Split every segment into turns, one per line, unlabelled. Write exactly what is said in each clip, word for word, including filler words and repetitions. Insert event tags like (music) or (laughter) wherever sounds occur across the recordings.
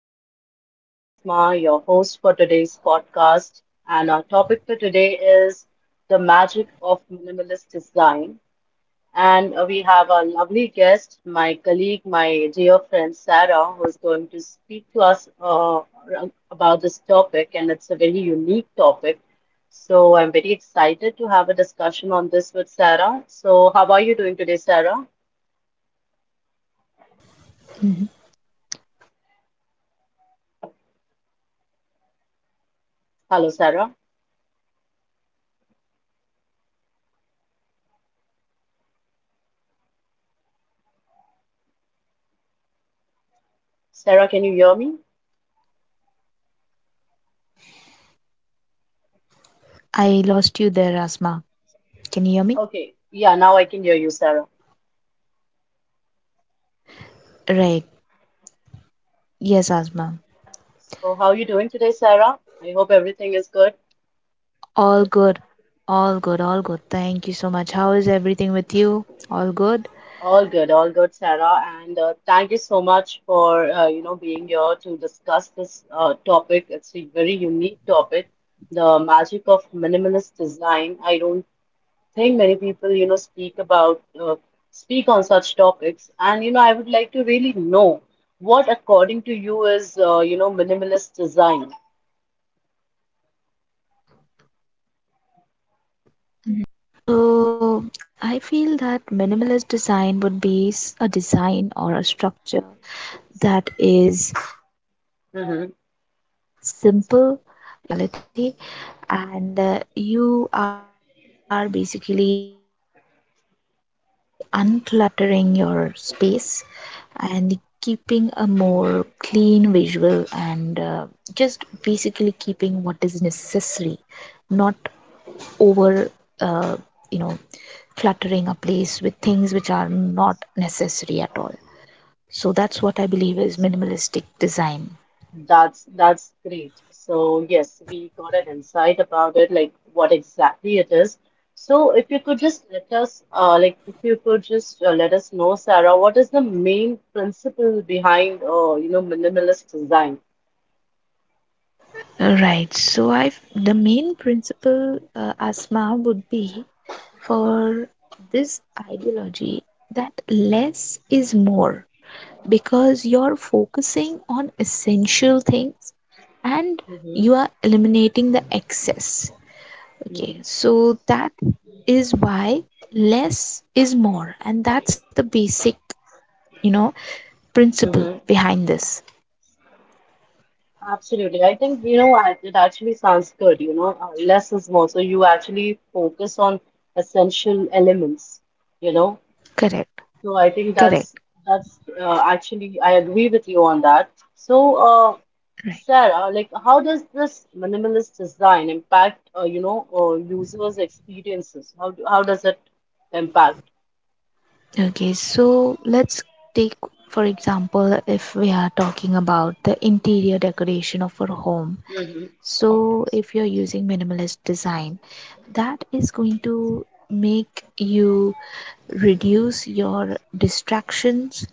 everyone. This is Asma, your host for today's podcast. And our topic for today is the magic of minimalist design. And uh, we have our lovely guest, my colleague, my dear friend Sarah, who is going to speak to us uh, about this topic. And it's a very unique topic. So I'm very excited to have a discussion on this with
Mhm.
Sarah. So, how are you doing today, Sarah?
Well, I'm doing great. Thanks for asking, Asma. How are you?
Hello, Sarah. Sarah, can you hear me?
I lost you there, Asma. Can you hear me?
Okay, yeah, now I can hear you, Sarah.
Right. Yes, Asma.
So, how are you doing today, Sarah? I hope everything is good.
All good. All good. All good. Thank you so much. How is everything with you? All good?
All good, all good, Sarah. And uh, thank you so much for uh, you know being here to discuss this uh, topic. It's a very unique topic, the magic of minimalist design. I don't think many people you know speak about uh, speak on such topics. And you know, I would like to really
Mhm.
know what, according to you, is uh, you know minimalist design.
Right. So I feel that minimalist design would be s- a design or a structure that is simple. It has uh, it
Mm-hmm.
serves its purpose, the functionality, and uh, you are basically uncluttering your space and keeping a more clean visual, and uh, just
Mm-hmm.
basically keeping what is necessary, not over, uh, you know cluttering a place with things which are not necessary at all. So that's what I believe is minimalistic design.
That's that's great. So yes, we got an insight about it, like what exactly it is. So if you could just let us, uh, like if you could just uh, let us know, Sarah, what is the main principle behind, uh, you know, minimalist design?
All right. So I have the main principle, uh, Asma, would be for this ideology that less is more, because you're focusing on essential things, and
Mm-hmm,
you are eliminating the excess.
mm-hmm,
Okay, so that is why less is more, and that's the basic, you know principle
mm-hmm.
behind this.
Absolutely. I think, you know, I- it actually sounds good, you know, uh, less is more. So you actually focus on essential elements, you know.
Correct.
So I think that's
Correct.
that's uh, actually I agree with you on that. So uh,
Right.
Sarah, uh, like how does this minimalist design impact uh, you know uh, users' experiences? How do- how does it impact?
Okay, so let's take for example, if we are talking about the interior decoration of our home.
Mm-hmm.
So if you're using minimalist design, that is going to make you reduce your distractions.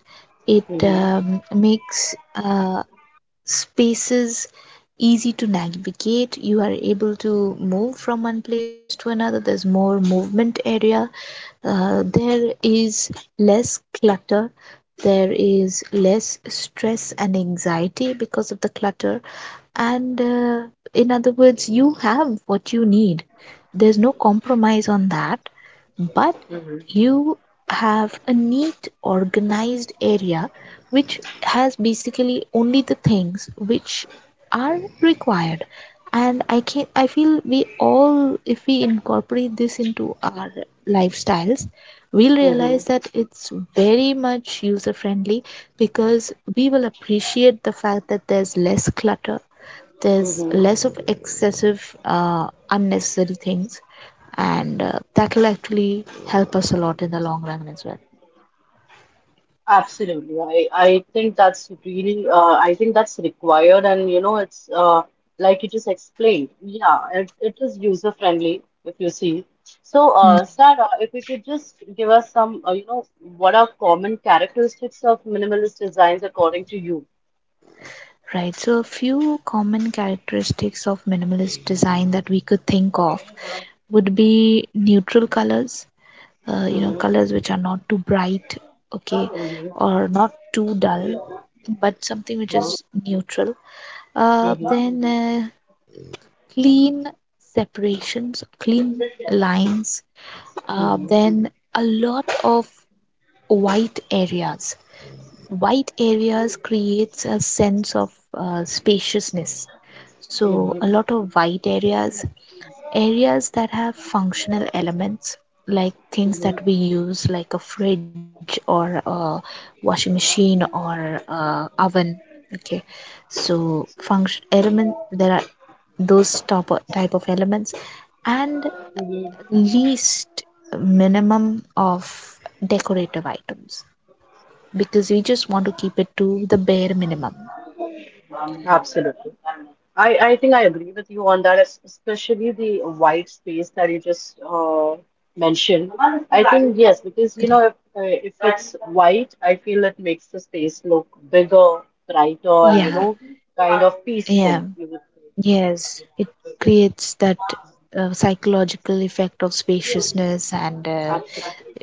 It
Mm-hmm.
um, makes uh, spaces easy to navigate. You are able to move from one place to another. There's more movement area. Uh, there is less clutter. There is less stress and anxiety because of the clutter, and uh, in other words, you have what you need. There's no compromise on that. But you have a neat, organized area which has basically only the things which are required. And I can I feel we all, if we incorporate this into our lifestyles, we'll
Mm-hmm.
realize that it's very much user friendly, because we will appreciate the fact that there's less clutter, there's
Mm-hmm.
less of excessive uh, unnecessary things, and uh, that will actually help us a lot in the long run as well.
Absolutely. I, I think that's really, uh, I think that's required. And, you know, it's uh, like you just explained. Yeah, it, it is user friendly if you see. So,
Mm.
uh, Sarah, if you could just give us some, uh, you know, what are common characteristics of minimalist designs according to you?
Right. So a few common characteristics of minimalist design that we could think of would be neutral colors, uh, you know
Mm-hmm,
colors which are not too bright, okay,
mm-hmm,
or not too dull, but something which is neutral. Uh,
mm-hmm,
then uh, clean separations, clean lines, uh, then a lot of white areas. White areas creates a sense of uh, spaciousness, so
mm-hmm,
a lot of white areas, areas that have functional elements, like things
mm-hmm,
that we use, like a fridge or a washing machine or a oven. Okay, so function element, there are those top type of elements, and
yes.
least minimum of decorative items, because we just want to keep it to the bare minimum.
Absolutely. I, I think I agree with you on that, es- especially the white space that you just uh, mentioned. I think yes, because
Correct.
you know if uh, if it's white, I feel it makes the space look bigger, brighter, you
Yeah,
know, kind of peaceful,
yeah,
you would say.
yes. It creates that uh, psychological effect of spaciousness, and uh,
Absolutely.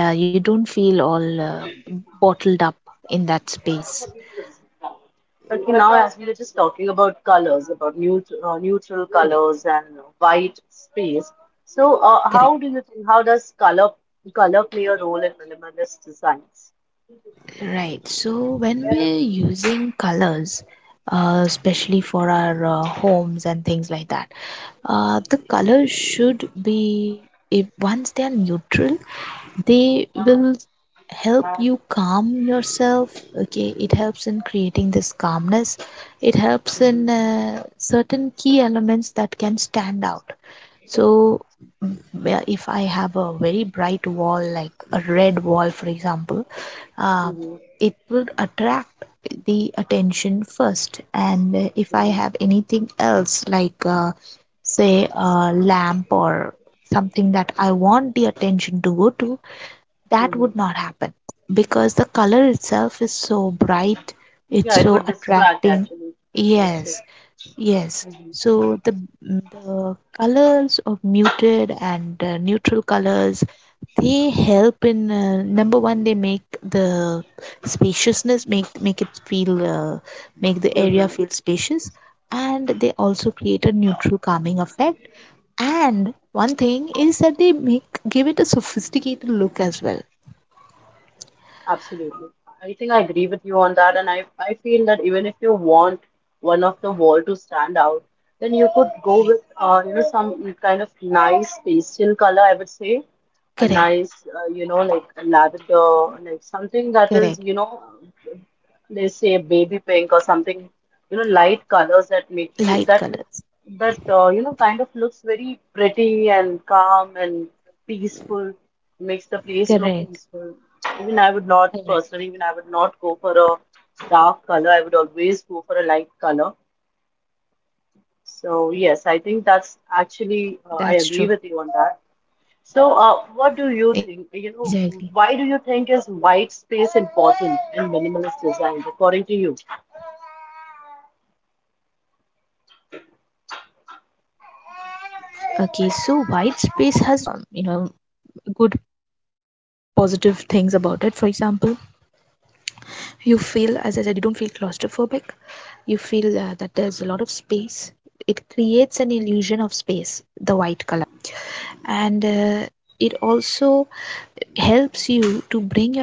yeah, you don't feel all uh, bottled up in that space.
Okay, now as we were just talking about colors, about neutral, uh, neutral
Correct.
colors and white space. So, uh,
Correct.
how do you think, how does color color play a role in minimalist designs?
Right. So when we're using colors, uh, especially for our uh, homes and things like that, uh, the colors should be, if once they are neutral, they will help
Right.
you calm yourself. Okay, it helps in creating this calmness. It helps in
Mhm.
uh, certain key elements that can stand out. So, well, if I have a very bright wall, like a red wall for example, um,
Mhm.
it will attract the attention first, and uh, if I
Mhm.
have anything else like uh, say a lamp or something that I want the attention to go to, that
Mhm.
would not happen, because the color itself is so bright, it's
Yeah, it
so
would distract
attracting.
actually, you would say.
Yes. Yes.
Hmm.
So the the colors of muted and uh, neutral colors, they help in uh, number one, they make the spaciousness, make make it feel uh, make the area
Hmm.
feel spacious. And they also create a neutral calming effect. And one thing is that they make give it a sophisticated look as well.
Absolutely. I think I agree with you on that, and I, I feel that even if you want one of the wall to stand out, then you could go
Right.
with uh, you know some kind of nice pastel color, I would say. A
Correct,
nice, uh, you know, like a lavender, like something that is,
correct.
you know, they say baby pink or something you know light colors that make you
Light
that make-
colors.
that uh, you know kind of looks very pretty and calm and peaceful makes the place look
Correct,
peaceful even I would not
correct.
personally even I would not go for a dark color. I would always go for a light color. So yes, I think
Yes, and
that's
uh,
actually
that's
uh, I
true.
agree with you on that. So uh, what do you
Exactly.
think you know why do you think is white space important in minimalist design, according to you?
Okay, so white space has f- many, um, you know, good positive things about it. For example, you feel, as I said, you don't feel claustrophobic. You feel uh, that there's a lot of space. It creates an illusion of space, the white color. And uh, it also helps you to bring your attention to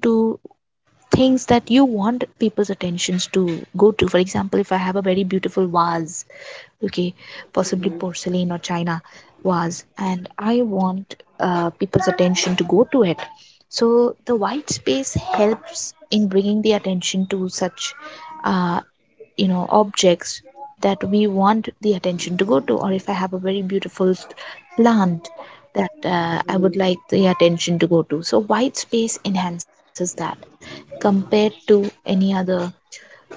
things that you want people's attentions to go to. For example, if I have a very beautiful vase, okay, possibly porcelain or
Mhm.
china vase, and I want uh, people's attention to go to it. So the white space helps in bringing the attention to such uh, you know objects that we want the attention to go to, or if I have a very beautiful plant that uh, I would
Mhm.
like the attention to go to. So white space enhances that compared to any other color.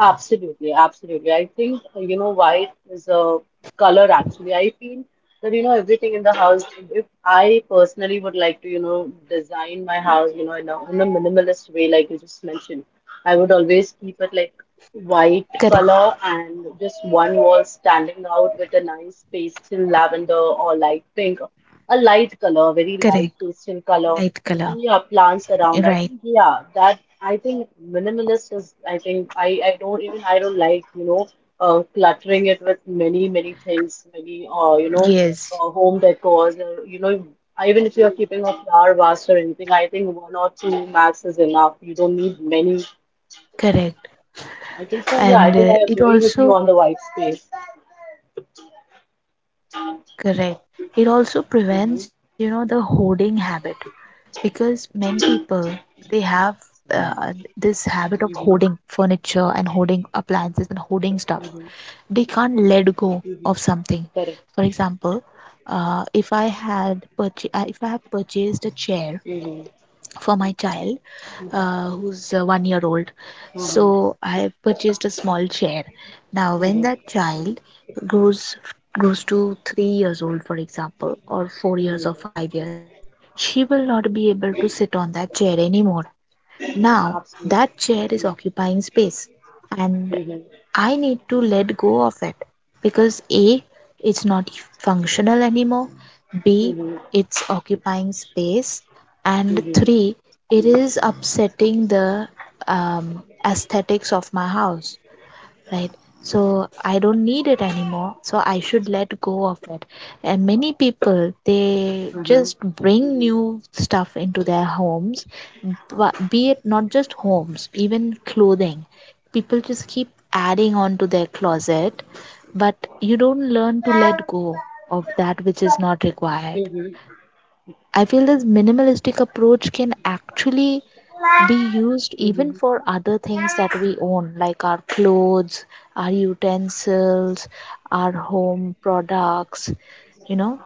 Absolutely, absolutely. I think uh, you know white is a color actually. I feel that you know everything in the house. If I personally would like to you know design my house, you know in a in a minimalist way, like you just mentioned, I would always
Correct.
keep it like white color and just one wall standing out with a nice pastel lavender or light pink, a light color,
Correct.
very light pastel
Light
color.
color.
And yeah, plants
Right.
around, I think yeah, that I think minimalist is I think i i don't even I don't like you know uh, cluttering it with many many things, many uh, you know
Yes.
uh, home decors or you know even if you're keeping a flower vase or anything, I think one or two max is enough. You don't need many.
Correct.
I think so. Yeah,
And
I
uh,
think I
it
agree with
also,
you on the white space.
correct, it also prevents, you know the hoarding habit.
Mm-hmm,
Because many people, they have uh, this habit of hoarding furniture and hoarding appliances and hoarding stuff. They can't
mm-hmm.
let go of something.
Mm-hmm.
For
Correct.
example, uh, if i had purch- uh, if I have purchased a chair
Mm-hmm,
for my child, uh, who's uh, one year old.
mm-hmm,
So I have purchased a small chair. Now, when
mm-hmm,
that child grows grows to three years old, for example, or four years
mm-hmm.
or five years, she will not be able to sit on that chair anymore. Now,
Absolutely.
that chair is
Mm-hmm,
occupying space, and
mm-hmm.
I need to let go of it, because A, it's not functional anymore, B,
Mm-hmm.
it's occupying space, and
Mhm.
three, it is upsetting the um, aesthetics of my house. Right? So I don't need it anymore, so I should let go of it. And many people, they
Mhm.
just bring new stuff into their homes, but be it not just homes, even clothing, people just keep adding on to their closet, but you don't learn to let go of that which is not required.
Mhm.
I feel this minimalistic approach can actually be used even
Mhm.
for other things that we own, like our clothes, our utensils, our home products. You know,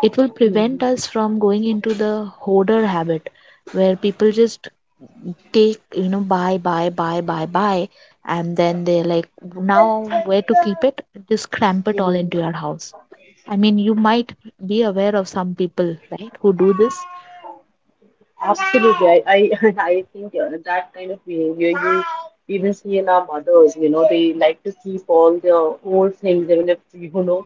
it will
Mhm.
prevent us from going into the hoarder habit, where people just take, you know, buy, buy, buy, buy, buy, and then they're like, now where to keep it? Just cramp it all
Mhm.
into your house. I mean, you might be aware of some people, right, who do this.
Absolutely, I I, (laughs) and I think uh, that kind of behavior you even see in our mothers. You know, they like to keep all their old things, even if you know,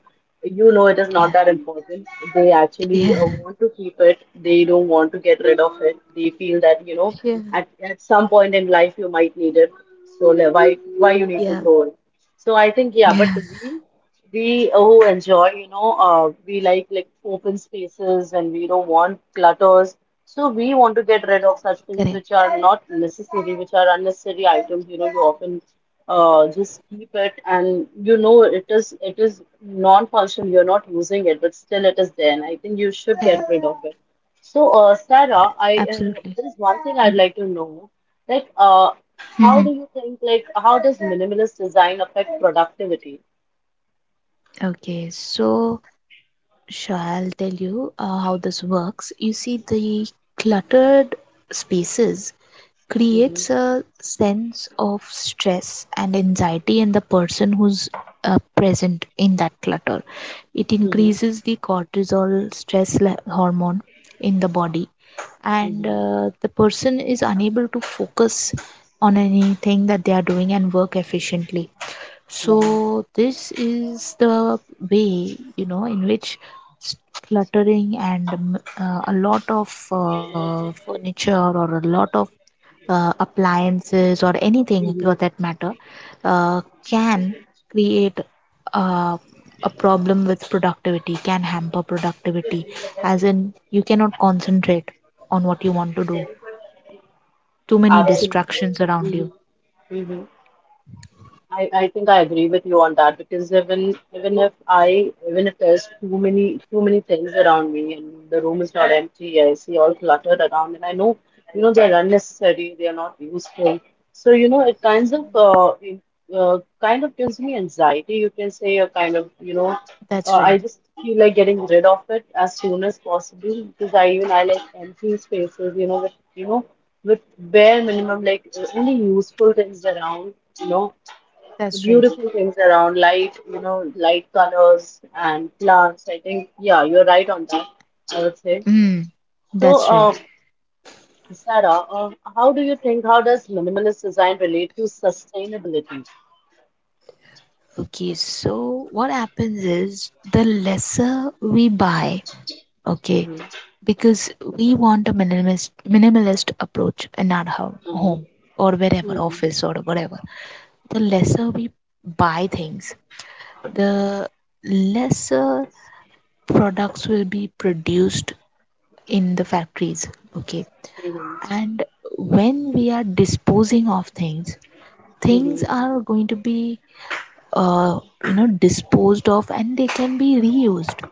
you know, it is not
Yeah.
that important. They
Yeah.
actually uh, want to keep it. They don't want to get rid of it. They feel that you
(laughs)
know,
Yeah.
at at some point in life you might need it. So le- why why you need
Yeah.
to throw it? So I think yeah,
Yeah.
but we we uh, who enjoy, you know, uh, we like like open spaces and we don't want clutters. So we want to get rid
Correct.
of such things which are not necessary, which are unnecessary items. You know, you often uh, just keep it, and you know it is it is non-functional. You're not using it, but still it is there, and I think
Correct.
you should get rid of it. So, uh, Sarah, I
Absolutely.
uh, there's
Mhm.
one thing I'd like to know, like uh,
Mhm.
how do you think like how does minimalist design affect productivity?
Okay, so sure, I'll tell you uh, how this works. You see, the cluttered spaces creates
Mm-hmm,
a sense of stress and anxiety in the person who's uh, present in that clutter. It
mm-hmm,
increases the cortisol stress le- hormone in the body, and uh, the person is unable to focus on anything that they are doing and work efficiently.
mm-hmm,
So this is the way, you know, in which s- cluttering and um, uh, a lot of uh, furniture or a lot of uh, appliances or anything for
mm-hmm,
that matter, uh, can create uh, a problem with productivity, can hamper productivity, as in you cannot concentrate on what you want to do. Too many
absolutely.
distractions around
Mm-hmm,
you.
mm-hmm. I, I think I agree with you on that because even even if I even if there's too many too many things around me and the room is not empty, I see all cluttered around and I know you know they're unnecessary, they're not useful. So you know it kinds of uh, in- uh kind of gives me anxiety, you can say, a kind of you know
That's
uh, I
right.
just feel like getting rid of it as soon as possible because I even I like empty spaces, you know, with you know with bare minimum like uh, only useful things around, you know
That's right.
beautiful things around light, you know, light colors and plants. I think, yeah, you're right on that, I would say.
Mm,
So,
that's
uh,
right.
Sarah, uh, how do you think, how does minimalist design relate to sustainability?
Okay, so what happens is the lesser we buy, okay,
Mm-hmm.
because we want a minimalist minimalist approach in our home, home
Mm-hmm.
or wherever,
Mm-hmm.
office or whatever. The lesser we buy things, the lesser products will be produced in the factories, okay. And when we are disposing of things,
Mm-hmm.
things
Mm-hmm.
are going to be uh, you know disposed of, and they can be reused.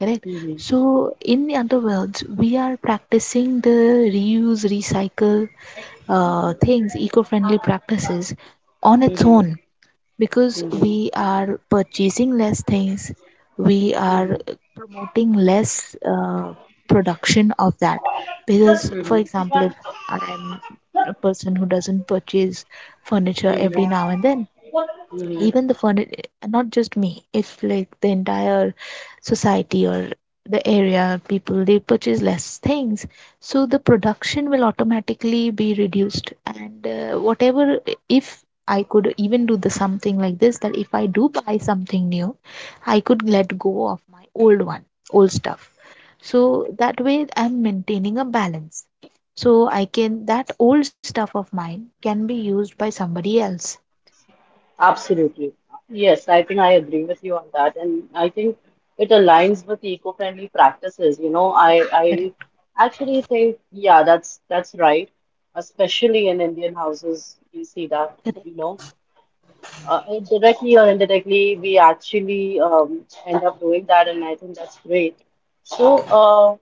Correct. So, in the other words, we are practicing the reuse, recycle, uh, things, eco friendly practices on its
Mm-hmm.
own, because
Mm-hmm.
we are purchasing less things, we are
Mm-hmm.
promoting less uh, production of that. Because, for example, if I'm a person who doesn't purchase furniture every
Mm-hmm.
now and then,
Mm-hmm.
even the furniture, not just me, it's like the entire society or the area, people, they purchase less things, so the production will automatically be reduced. And uh, whatever, if I could even do the something like this, that if I do buy something new, I could let go of my old one, old stuff, so that way I'm maintaining a balance, so I can, that old stuff of mine can be used by somebody else.
Absolutely. Yes, I think I agree with you on that. And I think it aligns with eco-friendly practices. You know, I I
Correct.
actually think, yeah, that's that's right. Especially in Indian houses, you see that,
Correct.
you know, uh, directly or indirectly, we actually um, end up doing that, and I think that's great. So, uh,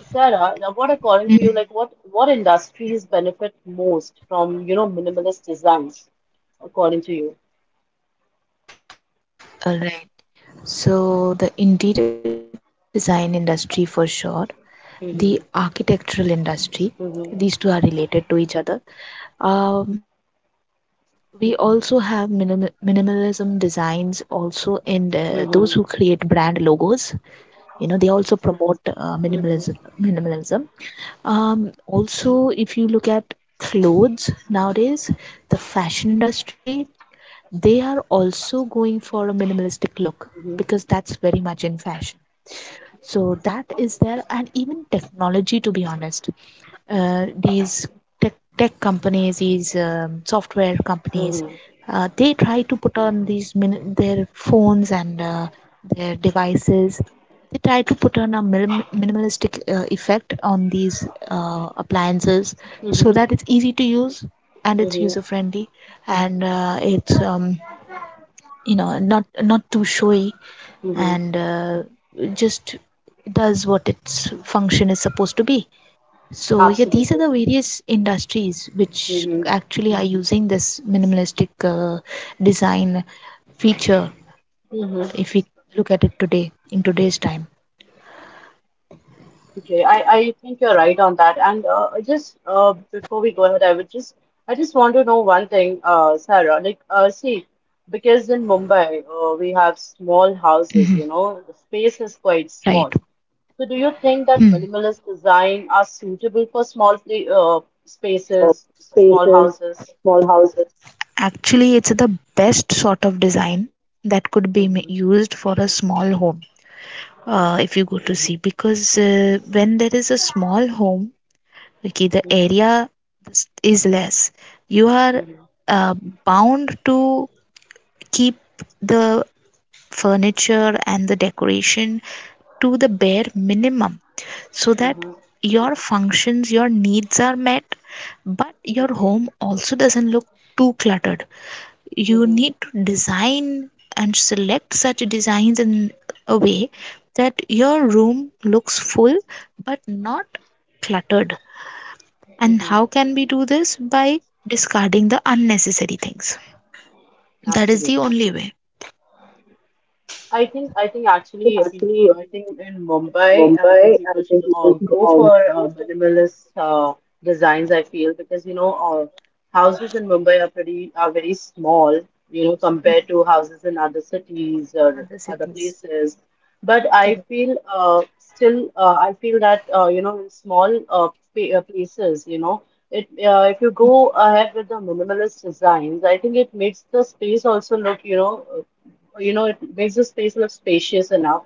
Sarah, now what according to you, like what what industries benefit most from, you know, minimalist designs, according to
All right. So the interior design industry for sure, the architectural industry, these two are
you?
related to each other. Um,
Mhm.
we also have minim- minimalism designs also in uh, those who create brand logos. You know, they
Mhm.
also promote uh, minimalism. Minimalism. Um,
Mhm.
also, if you look at clothes nowadays, the fashion industry, they are also going for a minimalistic look, because that's very much in fashion.
Mhm.
So that is there. And even technology, to be honest, uh, these tech, tech companies, these um, software companies, uh, they
Mhm.
try to put on these min- their phones and uh, their devices. They try to put on a minim- minimalistic uh, effect on these uh, appliances, so that it's
Mhm.
easy to use and it's user
Mhm.
friendly, and uh, it's um, you know, not not too showy,
Mhm.
and uh, just does what its function is supposed to be. So yeah, these
Absolutely.
are the various industries which
Mhm.
actually are using this minimalistic uh, design feature.
Mhm.
If we look at it today, in today's time,
Okay, I I think you're right on that. And uh, I just uh, before we go ahead, I would just I just want to know one thing, uh, Sarah. Like, uh, see, because in Mumbai, uh, we have small houses.
hmm.
You know, the space is quite
Right?
small. So, do you think that
Hmm.
minimalist design are suitable for small pla uh,
uh,
spaces, for small
spaces,
houses?
small houses. Actually, it's the best sort of design that could be ma-
Mm-hmm,
used for a small home. Uh, if you go to see, because uh, when there is a small home, okay, the
mm-hmm,
area is less, you are uh, bound to keep the furniture and the decoration to the bare minimum, so that
mm-hmm,
your functions, your needs are met, but your home also doesn't look too cluttered. You
mm-hmm,
need to design and select such designs in a way that your room looks full but not cluttered. And
hmm.
how can we do this? By discarding the unnecessary things. That is the
Absolutely.
only way.
I think I think
So
actually if you,
actually, I
I
think
think in
in
Mumbai I think
Mumbai, I
people
think
should uh,
people should
go
also.
for uh, minimalist uh, designs I feel because you know uh, houses in Mumbai are pretty are very small you know compared to
Mhm.
houses in other cities or
Other
other
cities.
places. But I
Correct.
feel uh, still uh, I feel that uh, you know in small uh, pa- uh, places, you know, it uh, if you
Mm.
go ahead with the minimalist designs, I think it makes the space also look, you know, uh, you know, it makes the space look spacious enough.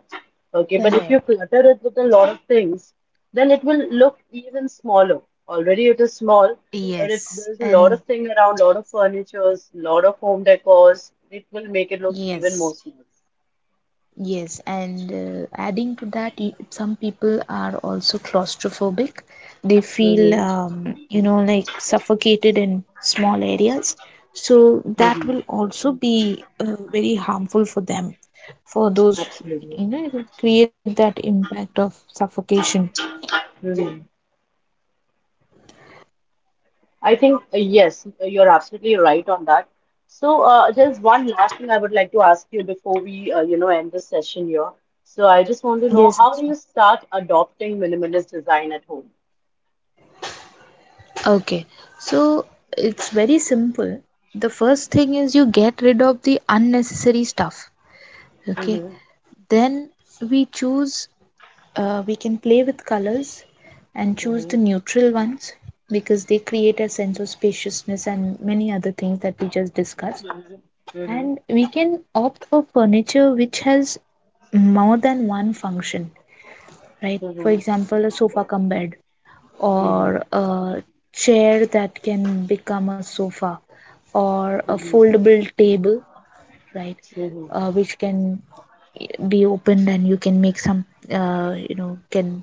Okay, but if you
Correct.
clutter it with a lot of things, then it will look even smaller. Already it is small, but if
Yes.
there's a lot
And
of thing around, lot of
yes.
furnitures, lot of home decors, it will make it look even
Yes.
more small.
Yes, and uh, adding to that, y- some people are also claustrophobic. They feel,
Mm-hmm.
um, you know, like suffocated in small areas. So that will also be uh, very harmful for them, for those,
Absolutely.
you know, it will create that impact of suffocation.
Mhm. I think, uh, yes, uh, you're absolutely right on that. So, uh, just one last thing I would like to ask you before we, uh, you know, end this session here. So, I just want to know
Yes,
how do
Asma.
you start adopting minimalist design at home?
Okay, so it's very simple. The first thing is you get rid of the unnecessary stuff. Okay,
Mm-hmm.
then we choose, Uh, we can play with colors and choose
Mm-hmm.
the neutral ones, because they create a sense of spaciousness and many other things that we just discussed.
Mm-hmm.
And we can opt for furniture which has more than one function, right? For
Hmm.
example, a sofa cum bed
Hmm.
or a chair that can become a sofa, or a foldable table, right?
Hmm.
Uh, which can be opened and you can make some, uh, you know, can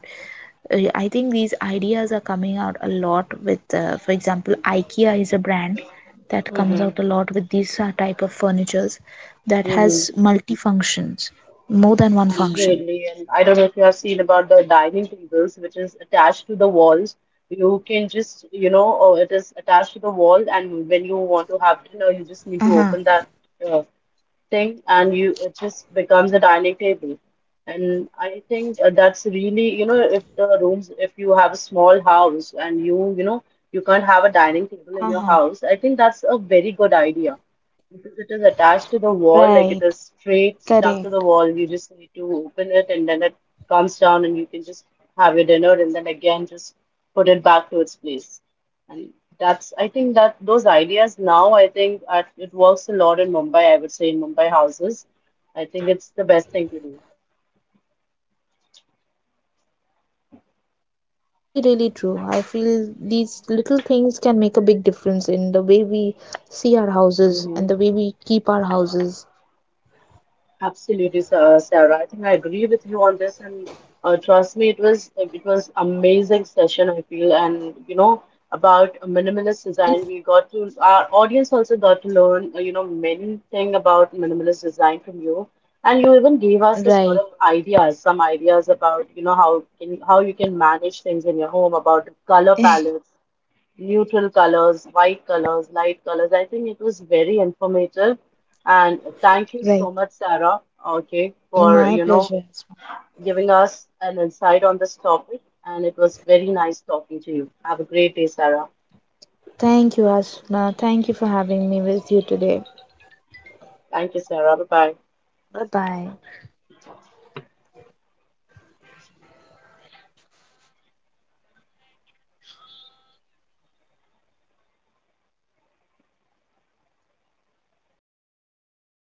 uh, I think these ideas are coming out a lot with, uh, for example, IKEA is a brand that comes out
Hmm.
a lot with these uh, type of furnitures that
Hmm.
has multi functions, more than one function.
Absolutely. And I don't know if you have seen about the dining tables, which is attached to the walls. You can just, you know, or it is attached to the
Uh
wall,
huh.
and when you want to have dinner, you just need to open that uh, thing and you it just becomes a dining table, and I think uh, that's really you know if the rooms if you have a small house and you you know you can't
Uh
have a
huh.
dining table in your house I think that's a very good
Right.
idea because it is
Correct.
attached to the wall like it is straight stuck to the wall. You just need to open it and then it comes down and you can just have your dinner and then again
Okay.
just put it back to its
That's a
place.
really nice
And
idea.
that's, I think that those ideas now, I think uh, it works a lot in Mumbai, I would say, in Mumbai houses. I think it's the best thing to
Mm.
do.
True, true, true. That's really, really true. I feel these little things can make a big difference in the way we see our houses and the way we keep
Hmm.
our houses.
Absolutely, Sa- Sarah. I think I agree with you on this, and uh, trust me, it was it was amazing session. I feel, and you know about minimalist design, we got to our audience also got to learn uh, you know many thing about minimalist design from you, and you even gave us the
Right.
sort of ideas, some ideas about you know how can how you can manage things in your home, about the color
(laughs)
palettes, neutral
Correct,
colors, white colors, light colors. I think it was very informative. And thank you so
right.
much, Sarah, okay, for,
My
you know,
pleasure. As well.
giving us an insight on this topic. And it was very nice talking to you. Have a great day, Sarah.
Thank you, Asuna. Thank you for having me with you today.
Thank you, Sarah. Bye bye.
Bye bye.